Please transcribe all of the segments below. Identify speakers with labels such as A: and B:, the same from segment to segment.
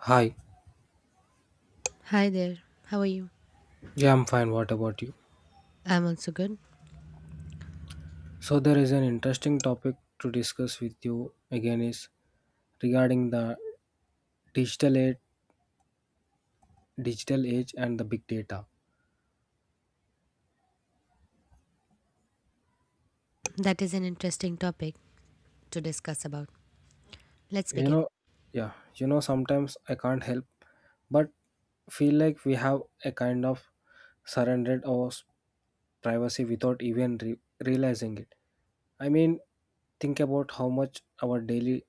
A: Hi.
B: Hi there. How are you?
A: Yeah, I'm fine. What about you?
B: I'm also good.
A: So there is an interesting topic to discuss with you again is regarding the digital age, and the big data.
B: That is an interesting topic to discuss about. Let's
A: You
B: begin.
A: know, yeah, you know, sometimes I can't help but feel like we have a kind of surrendered privacy without even realizing it. I mean, think about how much our daily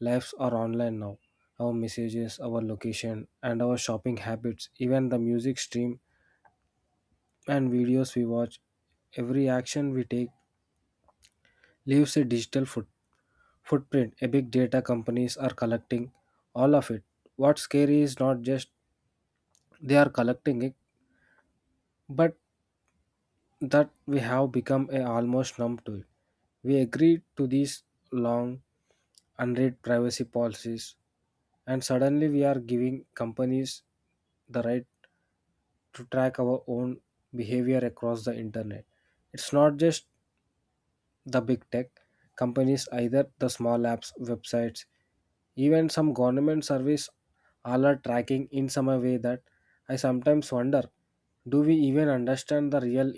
A: lives are online now. Our messages, our location, and our shopping habits, even the music stream and videos we watch, every action we take leaves a digital footprint. A big data companies are collecting all of it. What's scary is not just they are collecting it, but that we have become a almost numb to it. We agree to these long unread privacy policies, and suddenly we are giving companies the right to track our own behavior across the internet. It's not just the big tech companies, either the small apps, websites, even some government service all are tracking in some way that I sometimes wonder, do we even understand the real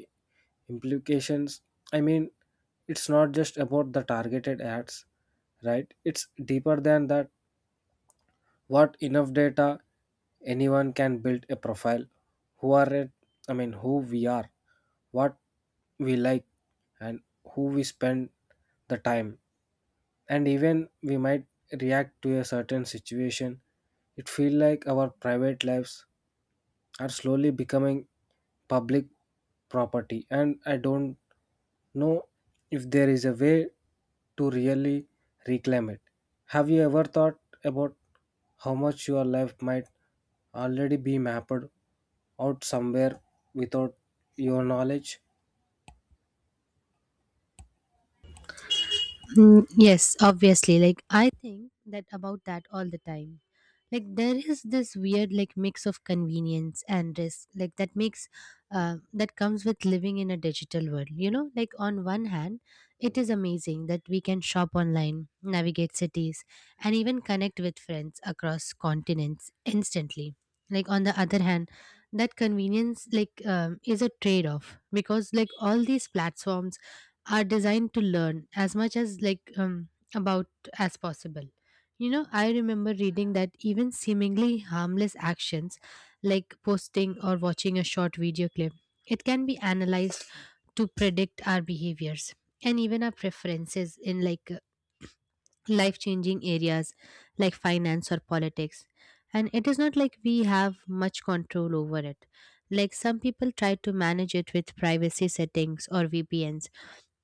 A: implications? I mean, it's not just about the targeted ads, right? It's deeper than that. What enough data anyone can build a profile who are it I mean who we are, what we like, and who we spend the time, and even we might react to a certain situation. It feel like our private lives are slowly becoming public property, and I don't know if there is a way to really reclaim it. Have you ever thought about how much your life might already be mapped out somewhere without your knowledge?
B: Yes, obviously. Like I think that about that all the time. Like there is this weird like mix of convenience and risk, like that makes that comes with living in a digital world. You know, like on one hand, it is amazing that we can shop online, navigate cities, and even connect with friends across continents instantly. Like on the other hand, that convenience is a trade-off because like all these platforms are designed to learn as much as about as possible. You know, I remember reading that even seemingly harmless actions like posting or watching a short video clip, it can be analyzed to predict our behaviors and even our preferences in like life changing areas like finance or politics. And it is not like we have much control over it. Like some people try to manage it with privacy settings or vpns,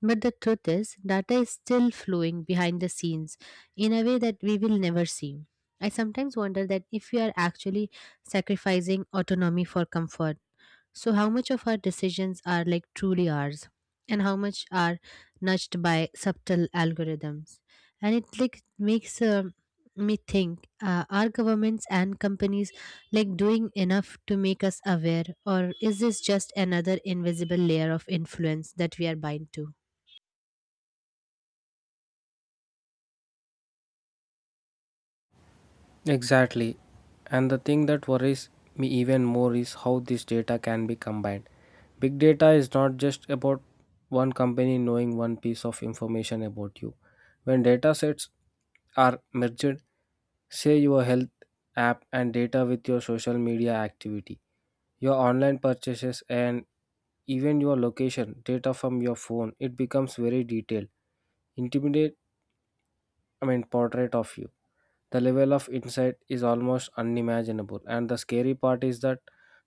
B: but the truth is, data is still flowing behind the scenes in a way that we will never see. I sometimes wonder that if we are actually sacrificing autonomy for comfort, so how much of our decisions are like truly ours and how much are nudged by subtle algorithms. And it like makes me think, are governments and companies like doing enough to make us aware, or is this just another invisible layer of influence that we are bind to?
A: Exactly. And the thing that worries me even more is how this data can be combined. Big data is not just about one company knowing one piece of information about you. When data sets are merged, say your health app and data with your social media activity, your online purchases, and even your location data from your phone, it becomes very detailed, intimidate, portrait of you. The level of insight is almost unimaginable, and the scary part is that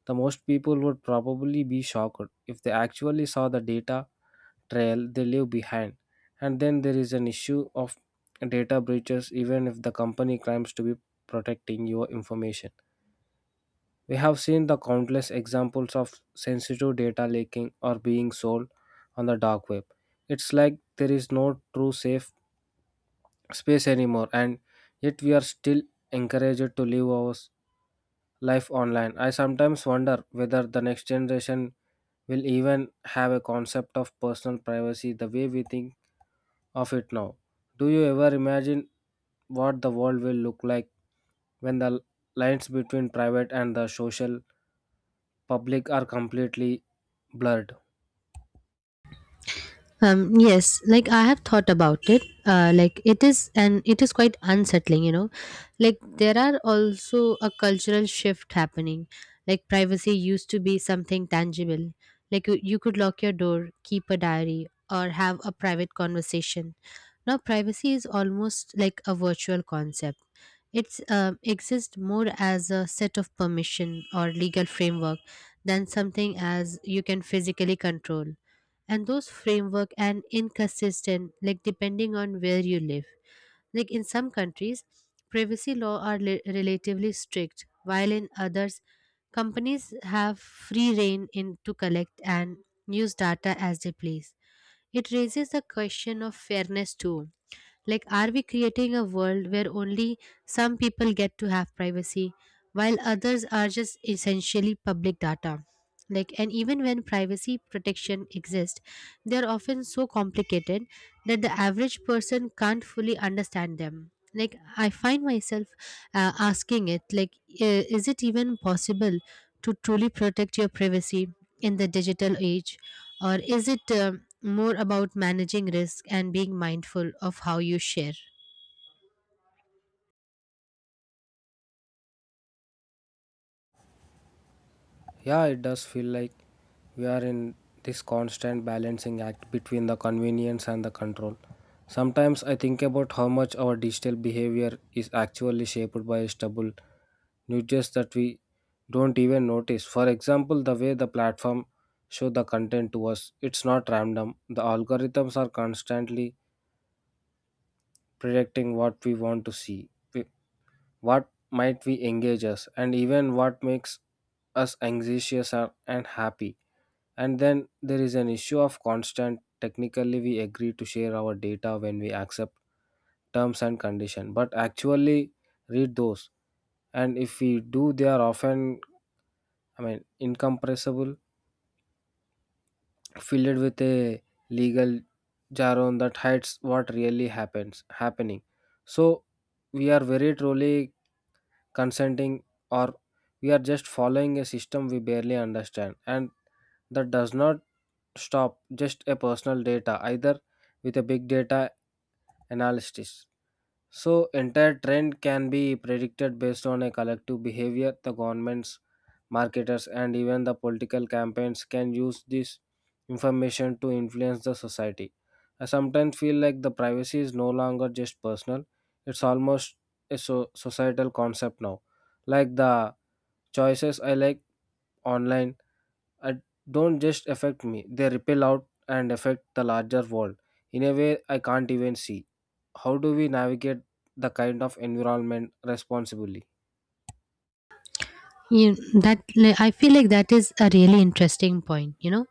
A: the most people would probably be shocked if they actually saw the data trail they leave behind. And then there is an issue of data breaches, even if the company claims to be protecting your information. We have seen the countless examples of sensitive data leaking or being sold on the dark web. It's like there is no true safe space anymore, and yet we are still encouraged to live life online. I sometimes wonder whether the next generation will even have a concept of personal privacy the way we think of it now. Do you ever imagine what the world will look like when lines between private and the social public are completely blurred?
B: Yes, like I have thought about it. Like it is, and it is quite unsettling, you know. Like there are also a cultural shift happening. Like privacy used to be something tangible. Like you could lock your door, keep a diary, or have a private conversation. Now privacy is almost like a virtual concept. It's exists more as a set of permission or legal framework than something as you can physically control. And those framework and inconsistent, like depending on where you live. Like in some countries, privacy law are relatively strict, while in others, companies have free reign in to collect and use data as they please. It raises the question of fairness too, like, are we creating a world where only some people get to have privacy while others are just essentially public data? Like, and even when privacy protection exists, they are often so complicated that the average person can't fully understand them. Like, I find myself asking it, like, is it even possible to truly protect your privacy in the digital age? Or is it more about managing risk and being mindful of how you share.
A: Yeah, it does feel like we are in this constant balancing act between the convenience and the control. Sometimes I think about how much our digital behavior is actually shaped by stubble nudges that we don't even notice. For example, the way the platform show the content to us, it's not random. The algorithms are constantly predicting what we want to see, what might we engage us, and even what makes and happy. And then there is an issue of constant technically we agree to share our data when we accept terms and condition, but actually read those, and if we do they are often, I mean, incompressible, filled with a legal jargon that hides what really happens happening. So we are very truly consenting, or we are just following a system we barely understand. And that does not stop just a personal data either. With a big data analysis, so entire trend can be predicted based on a collective behavior. The governments, marketers, and even the political campaigns can use this information to influence the society. I sometimes feel like the privacy is no longer just personal; it's almost a societal concept now. Like the choices I like online uh, don't just affect me, they ripple out and affect the larger world in a way I can't even see. How do we navigate the kind of environment responsibly?
B: You, that like, I feel like that is a really interesting point, you know.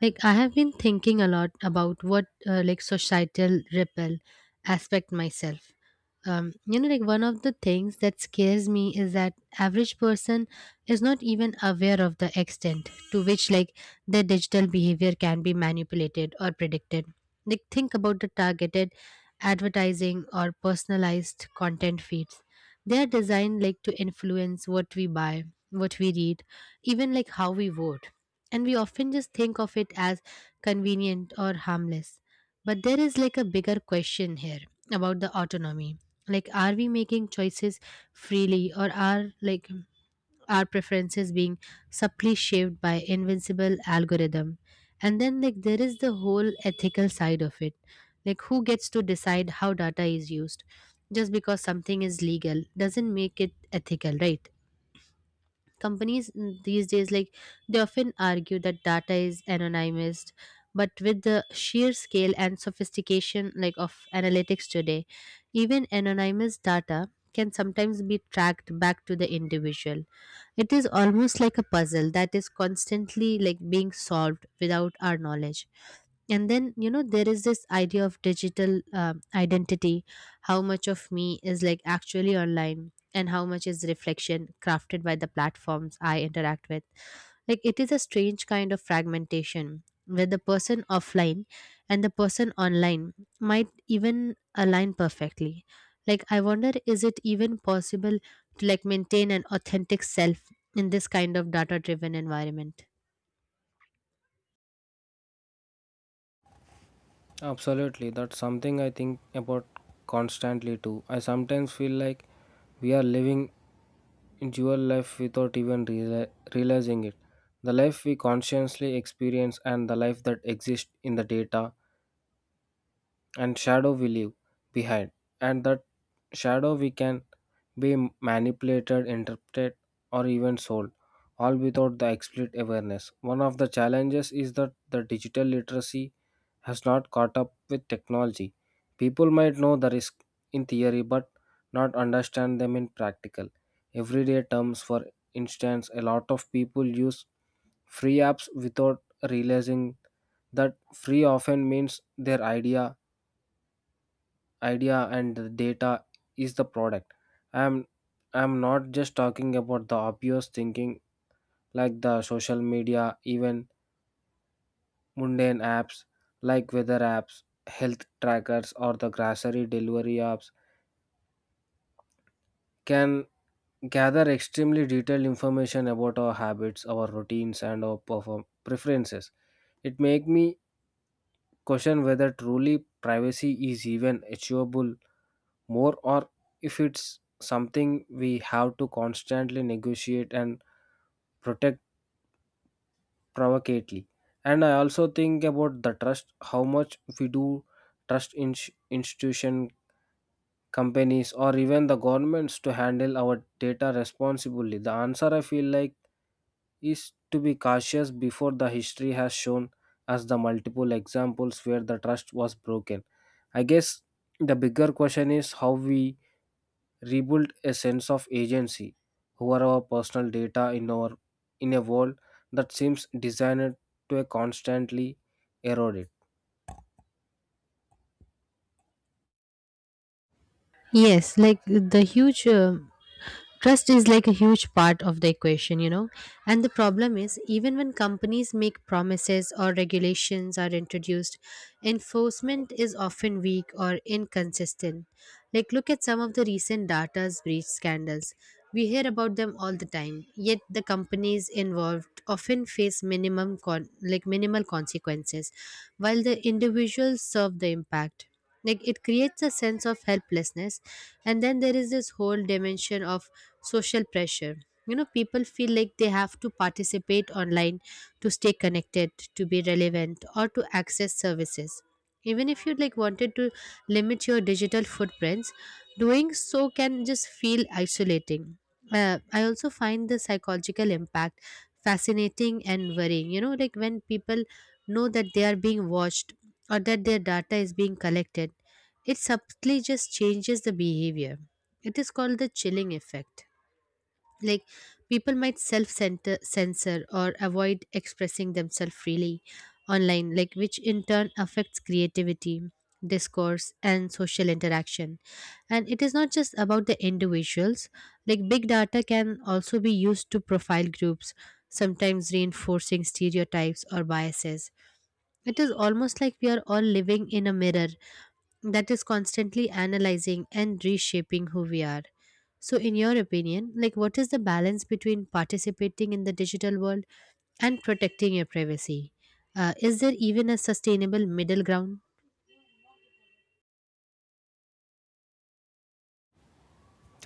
B: Like I have been thinking a lot about what like societal ripple aspect myself. You know, like one of the things that scares me is that average person is not even aware of the extent to which like their digital behavior can be manipulated or predicted. Like think about the targeted advertising or personalized content feeds. They are designed like to influence what we buy, what we read, even like how we vote. And we often just think of it as convenient or harmless, but there is like a bigger question here about the autonomy. Like are we making choices freely, or are like our preferences being subtly shaped by invincible algorithm? And then like there is the whole ethical side of it. Like who gets to decide how data is used? Just because something is legal doesn't make it ethical, right? Companies these days like they often argue that data is anonymized, but with the sheer scale and sophistication like of analytics today, even anonymous data can sometimes be tracked back to the individual. It is almost like a puzzle that is constantly like being solved without our knowledge. And then, you know, there is this idea of digital identity. How much of me is like actually online, and how much is reflection crafted by the platforms I interact with? Like it is a strange kind of fragmentation where the person offline and the person online might even align perfectly. Like I wonder, is it even possible to like maintain an authentic self in this kind of data driven environment?
A: Absolutely, that's something I think about constantly too. I sometimes feel like we are living in dual life without even realizing it. The life we consciously experience and the life that exists in the data and shadow we leave behind. And that shadow we can be manipulated, interpreted, or even sold, all without the explicit awareness. One of the challenges is that the digital literacy has not caught up with technology. People might know the risk in theory but not understand them in practical everyday terms. For instance, a lot of people use free apps without realizing that free often means their idea and the data is the product. I'm i'm not just talking about the obvious thinking like the social media. Even mundane apps like weather apps, health trackers, or the grocery delivery apps can gather extremely detailed information about our habits, our routines, and our perform preferences. It make me question whether truly privacy is even achievable more, or if it's something we have to constantly negotiate and protect provocately. And I also think about the trust, how much we do trust in institution, companies, or even the governments to handle our data responsibly. The answer, I feel like, is to be cautious before. The history has shown us the multiple examples where the trust was broken. I guess the bigger question is how we rebuild a sense of agency over our personal data in our in a world that seems designed to constantly erode it.
B: Yes, like the huge trust is like a huge part of the equation, you know. And the problem is even when companies make promises or regulations are introduced, enforcement is often weak or inconsistent. Like look at some of the recent data's breach scandals. We hear about them all the time, yet the companies involved often face like minimal consequences while the individuals serve the impact. Like it creates a sense of helplessness. And then there is this whole dimension of social pressure. You know, people feel like they have to participate online to stay connected, to be relevant, or to access services. Even if you like wanted to limit your digital footprints, doing so can just feel isolating. I also find the psychological impact fascinating and worrying. You know, like when people know that they are being watched or that their data is being collected, it subtly just changes the behavior. It is called the chilling effect. Like people might self censor or avoid expressing themselves freely online, like which in turn affects creativity, discourse, and social interaction. And it is not just about the individuals. Like big data can also be used to profile groups, sometimes reinforcing stereotypes or biases. It is almost like we are all living in a mirror that is constantly analyzing and reshaping who we are. So, in your opinion, like what is the balance between participating in the digital world and protecting your privacy? Is there even a sustainable middle ground?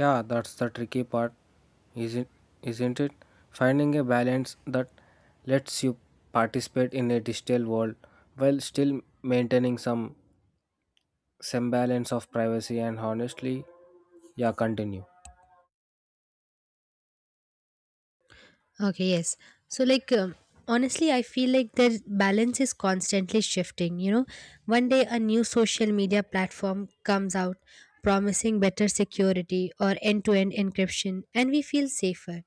A: Yeah, that's the tricky part, isn't isn't it? Finding a balance that lets you participate in a digital world while still maintaining some semblance of privacy and honestly, yeah, continue.
B: Okay, yes. So, like, honestly, I feel like the balance is constantly shifting. You know, one day a new social media platform comes out promising better security or end to end encryption, and we feel safer.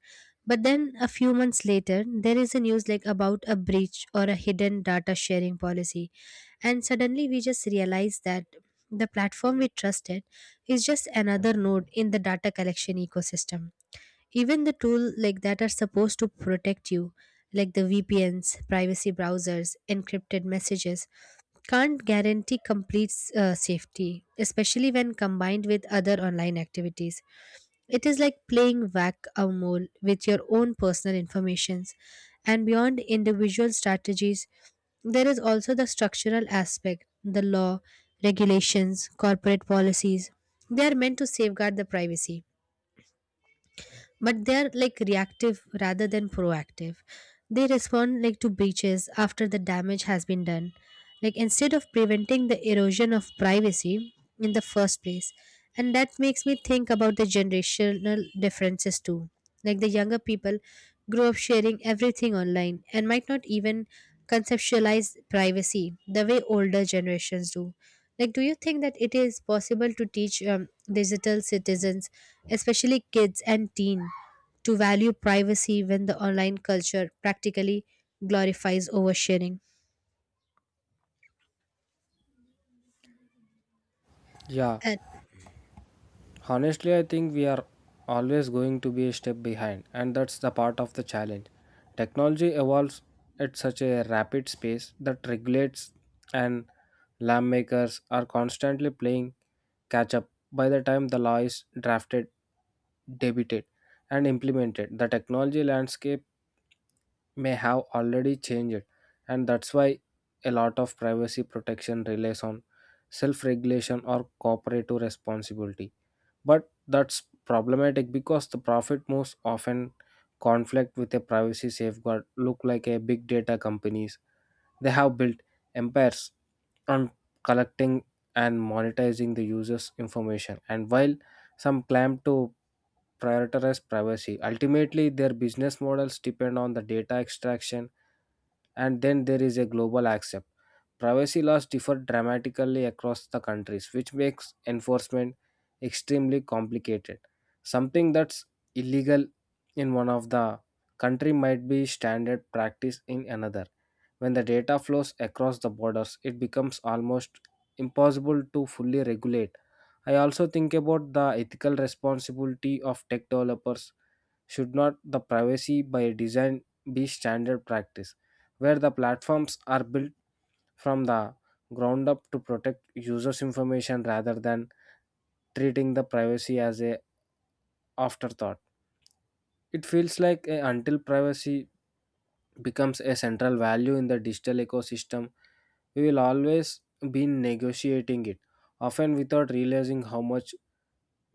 B: But then a few months later, there is a news like about a breach or a hidden data sharing policy. And suddenly we just realize that the platform we trusted is just another node in the data collection ecosystem. Even the tool like that are supposed to protect you, like the vpns, privacy browsers, encrypted messages, can't guarantee complete safety, especially when combined with other online activities. It is like playing whack-a-mole with your own personal informations. And beyond individual strategies, there is also the structural aspect, the law, regulations, corporate policies. They are meant to safeguard the privacy, but they're like reactive rather than proactive. They respond like to breaches after the damage has been done, like instead of preventing the erosion of privacy in the first place. And that makes me think about the generational differences too. Like the younger people grow up sharing everything online and might not even conceptualize privacy the way older generations do. Like do you think that it is possible to teach digital citizens, especially kids and teen, to value privacy when the online culture practically glorifies oversharing?
A: Yeah, honestly, I think we are always going to be a step behind, and that's the part of the challenge. Technology evolves at such a rapid pace that regulates and lamp makers are constantly playing catch up. By the time the law is drafted, debated, and implemented, the technology landscape may have already changed, and that's why a lot of privacy protection relies on self regulation or cooperative responsibility. But that's problematic because the profit most often conflict with a privacy safeguard. Look like a big data companies, they have built empires on collecting and monetizing the users information, and while some claim to prioritize privacy, ultimately, their business models depend on the data extraction. And then there is a global accept. Privacy laws differ dramatically across the countries, which makes enforcement extremely complicated. Something that's illegal in one of the country might be standard practice in another. When the data flows across the borders, it becomes almost impossible to fully regulate. I also think about the ethical responsibility of tech developers. Should not the privacy by design be standard practice, where the platforms are built from the ground up to protect users' information rather than treating the privacy as a afterthought? It feels like until privacy becomes a central value in the digital ecosystem, we will always be negotiating it, often without realizing how much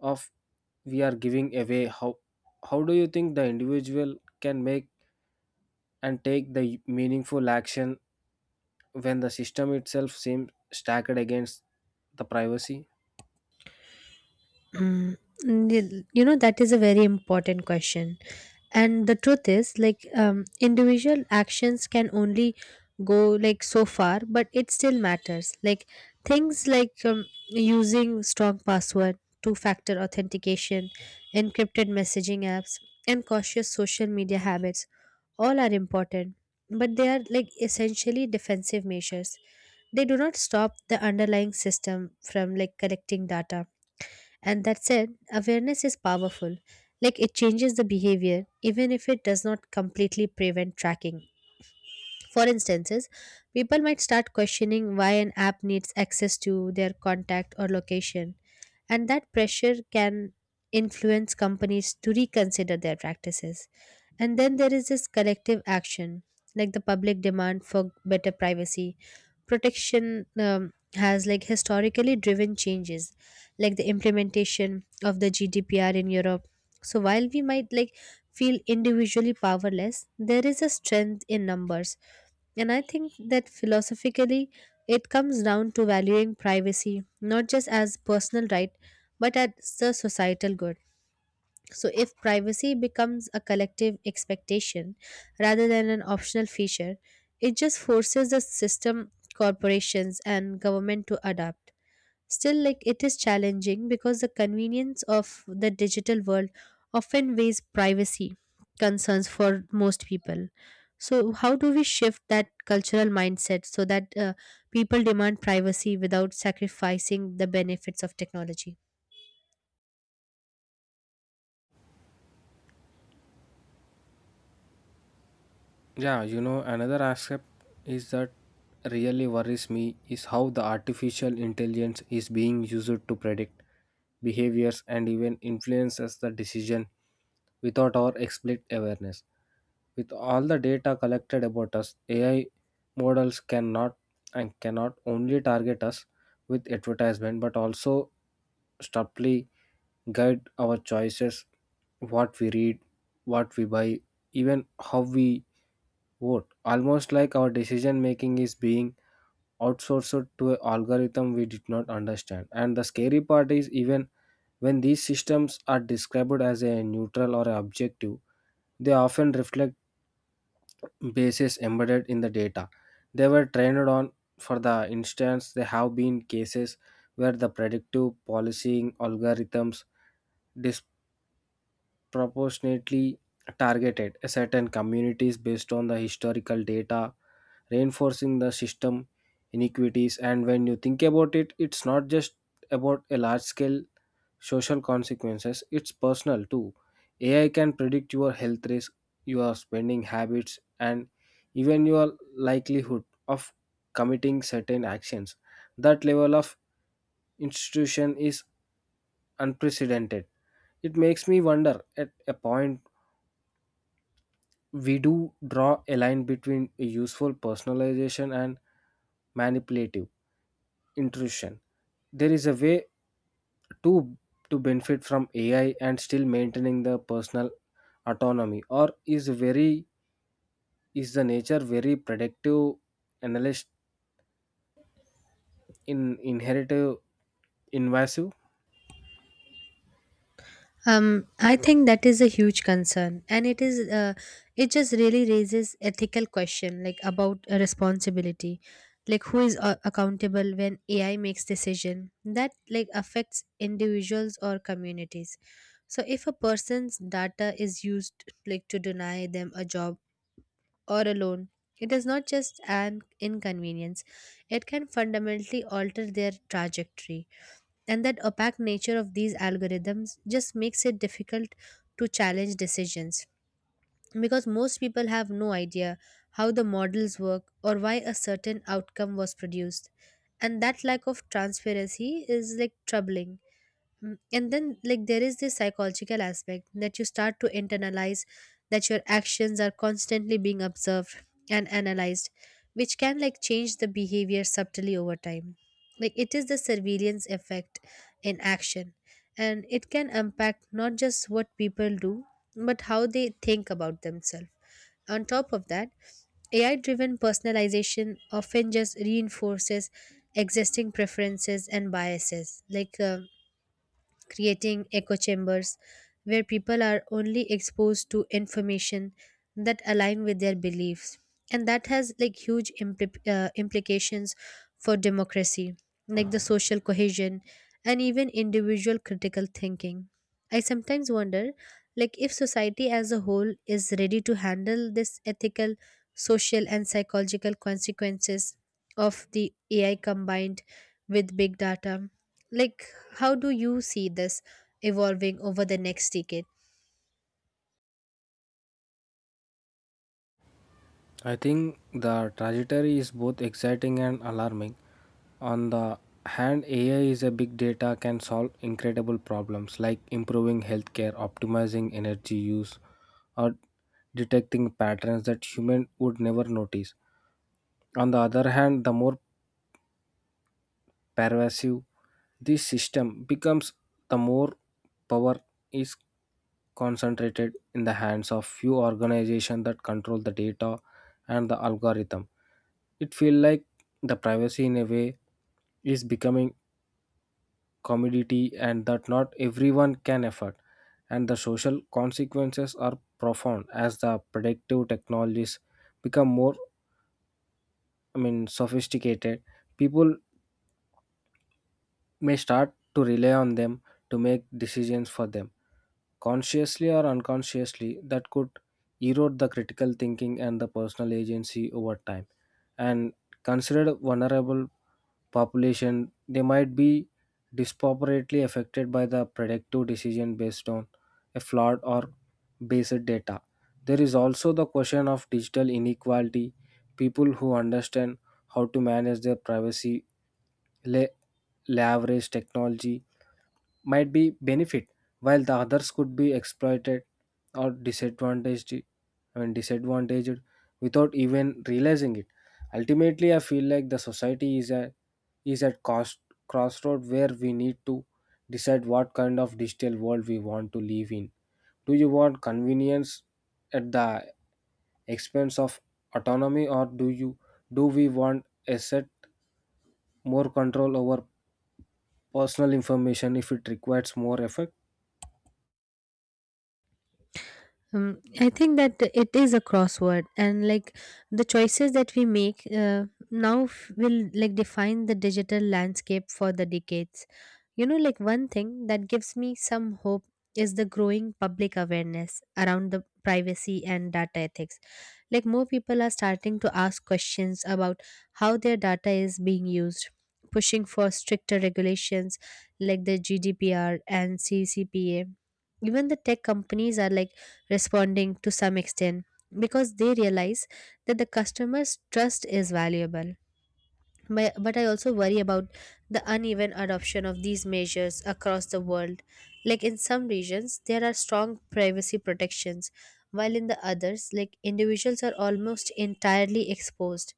A: of we are giving away. How do you think the individual can make and take the meaningful action when the system itself seems stacked against the privacy?
B: Mm, you know, that is a very important question. And the truth is like individual actions can only go like so far, but it still matters. Like things like using strong password, two factor authentication, encrypted messaging apps, and cautious social media habits, all are important, but they are like essentially defensive measures. They do not stop the underlying system from like collecting data. And that said, awareness is powerful. Like it changes the behavior, even if it does not completely prevent tracking. For instances, people might start questioning why an app needs access to their contact or location, and that pressure can influence companies to reconsider their practices. And then there is this collective action, like the public demand for better privacy. Protection has like historically driven changes, like the implementation of the GDPR in Europe. So while we might like feel individually powerless, there is a strength in numbers. And I think that philosophically, it comes down to valuing privacy not just as personal right but as a societal good. So, if privacy becomes a collective expectation rather than an optional feature, it just forces the system, corporations, and government to adapt. Still, like it is challenging because the convenience of the digital world often weighs privacy concerns for most people. So, how do we shift that cultural mindset so that people demand privacy without sacrificing the benefits of technology?
A: Yeah, you know, another aspect is that really worries me is how the artificial intelligence is being used to predict behaviors and even influences the decision without our explicit awareness. With all the data collected about us, AI models cannot only target us with advertisement but also subtly guide our choices, what we read, what we buy, even how we vote, almost like our decision making is being outsourced to an algorithm we did not understand. And the scary part is even when these systems are described as a neutral or objective, they often reflect biases embedded in the data they were trained on. For the instance, there have been cases where the predictive policing algorithms disproportionately targeted certain communities based on the historical data, reinforcing the system inequities. And when you think about it, it's not just about a large scale social consequences, it's personal too. AI can predict your health risk, your spending habits, and even your likelihood of committing certain actions. That level of institution is unprecedented. It makes me wonder at a point we do draw a line between a useful personalization and manipulative intrusion. There is a way to to benefit from AI and still maintaining the personal autonomy, or is the nature very predictive analyst in inheritive invasive?
B: I think that is a huge concern, and it is it just really raises ethical question like about a responsibility, like who is accountable when AI makes decision that like affects individuals or communities. So if a person's data is used, like, to deny them a job or a loan, it is not just an inconvenience; it can fundamentally alter their trajectory, and that opaque nature of these algorithms just makes it difficult to challenge decisions because most people have no idea how the models work or why a certain outcome was produced, and that lack of transparency is, like, troubling. And then, like, there is this psychological aspect that you start to internalize that your actions are constantly being observed and analyzed, which can, like, change the behavior subtly over time. Like, it is the surveillance effect in action, and it can impact not just what people do but how they think about themselves. On top of that, AI driven personalization often just reinforces existing preferences and biases. Like, creating echo chambers where people are only exposed to information that align with their beliefs, and that has, like, huge implications for democracy, like the social cohesion and even individual critical thinking. I sometimes wonder, like, if society as a whole is ready to handle this ethical, social, and psychological consequences of the AI combined with big data. Like, how do you see this evolving over the next decade?
A: I think the trajectory is both exciting and alarming. On the hand, AI is a big data can solve incredible problems like improving healthcare, optimizing energy use, or detecting patterns that human would never notice. On the other hand, the more pervasive this system becomes, the more power is concentrated in the hands of few organizations that control the data and the algorithm. It feels like the privacy in a way is becoming commodity, and that not everyone can afford. And the social consequences are profound as the predictive technologies become more, I mean, sophisticated. People may start to rely on them to make decisions for them consciously or unconsciously, that could erode the critical thinking and the personal agency over time. And considered vulnerable population, they might be disproportionately affected by the predictive decision based on a flawed or based data. There is also the question of digital inequality. People who understand how to manage their privacy, le- leverage technology, might be benefit while the others could be exploited or disadvantaged I mean disadvantaged without even realizing it. Ultimately I feel like the society is a is at cost crossroad where we need to decide what kind of digital world we want to live in. Do you want convenience at the expense of autonomy, or do we want a set more control over personal information if it requires more effort?
B: I think that it is a crossword, and, like, the choices that we make now will, like, define the digital landscape for the decades. You know, like, one thing that gives me some hope is the growing public awareness around the privacy and data ethics. Like, more people are starting to ask questions about how their data is being used, pushing for stricter regulations like the GDPR and CCPA. Even the tech companies are, like, responding to some extent because they realize that the customer's trust is valuable. But I also worry about the uneven adoption of these measures across the world. Like, in some regions, there are strong privacy protections, while in the others, like, individuals are almost entirely exposed.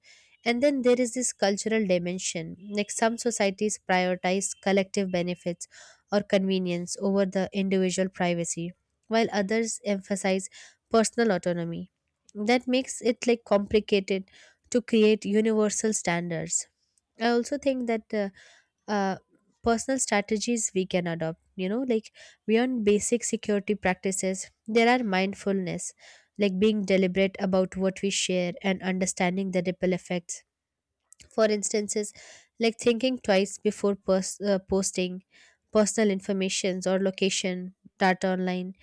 B: And then there is this cultural dimension. Like, some societies prioritize collective benefits or convenience over the individual privacy, while others emphasize personal autonomy. That makes it, like, complicated to create universal standards. I also think that uh, personal strategies we can adopt, you know, like, beyond basic security practices, there are mindfulness, like being deliberate about what we share and understanding the ripple effects. For instances, like thinking twice before posting personal informations or location data online,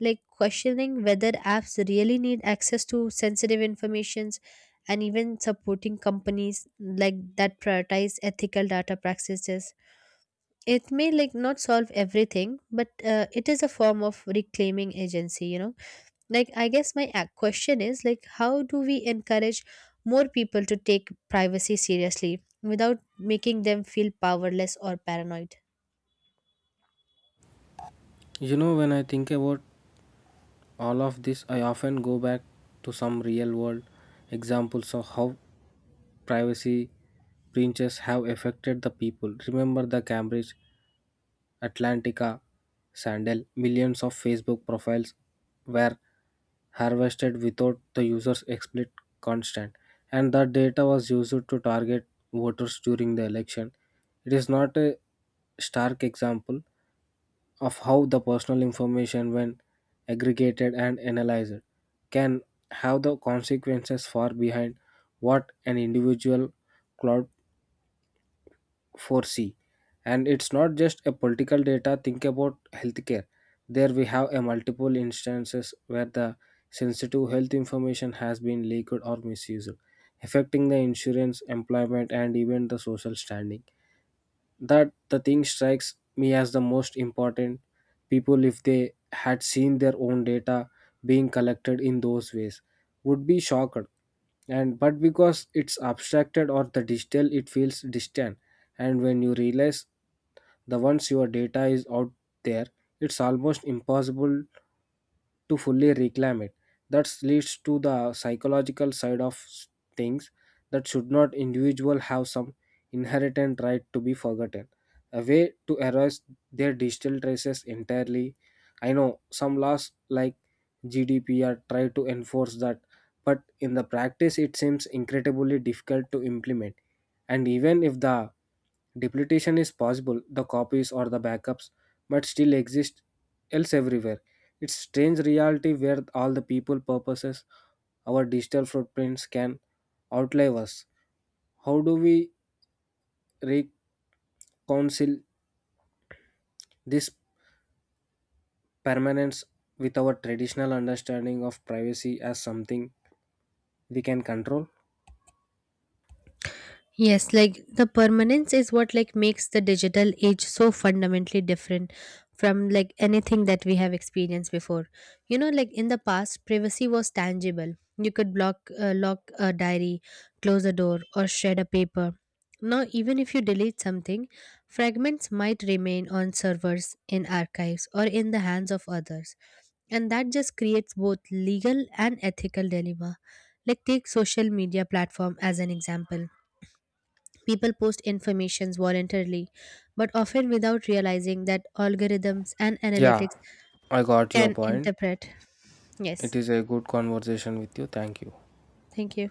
B: like questioning whether apps really need access to sensitive informations, and even supporting companies like that prioritize ethical data practices. It may, like, not solve everything, but it is a form of reclaiming agency, you know. Like, I guess my question is, like, how do we encourage more people to take privacy seriously without making them feel powerless or paranoid?
A: You know, when I think about all of this, I often go back to some real world examples of how privacy breaches have affected the people. Remember the Cambridge Atlantica scandal? Millions of Facebook profiles were harvested without the user's explicit consent, and that data was used to target voters during the election. It is not a stark example of how the personal information when aggregated and analyzed can have the consequences far behind what an individual cloud foresee. And it's not just a political data. Think about healthcare. There we have a multiple instances where the sensitive health information has been leaked or misused, affecting the insurance, employment, and even the social standing. That the thing strikes me as the most important. People, if they had seen their own data being collected in those ways, would be shocked. And but because it's abstracted or the digital it feels distant. And when you realize the once your data is out there, it's almost impossible to fully reclaim it. That leads to the psychological side of things. That should not individual have some inherent right to be forgotten, a way to erase their digital traces entirely? I know some laws like GDPR try to enforce that, but in the practice it seems incredibly difficult to implement. And even if the duplication is possible, the copies or the backups might still exist else everywhere. It's strange reality where all the people purposes our digital footprints can outlive us. How do we reconcile this permanence with our traditional understanding of privacy as something we can control?
B: Yes, like the permanence is what, like, makes the digital age so fundamentally different from, like, anything that we have experienced before. You know, like, in the past, privacy was tangible. You could lock a diary, close a door, or shred a paper. Now, even if you delete something, fragments might remain on servers, in archives, or in the hands of others, and that just creates both legal and ethical dilemma. Like, take social media platform as an example. People post informations voluntarily, but often without realizing that algorithms and
A: Yeah,
B: analytics
A: I got your
B: can
A: point.
B: interpret.
A: It
B: Yes,
A: is a good conversation with you. Thank you.
B: thank you.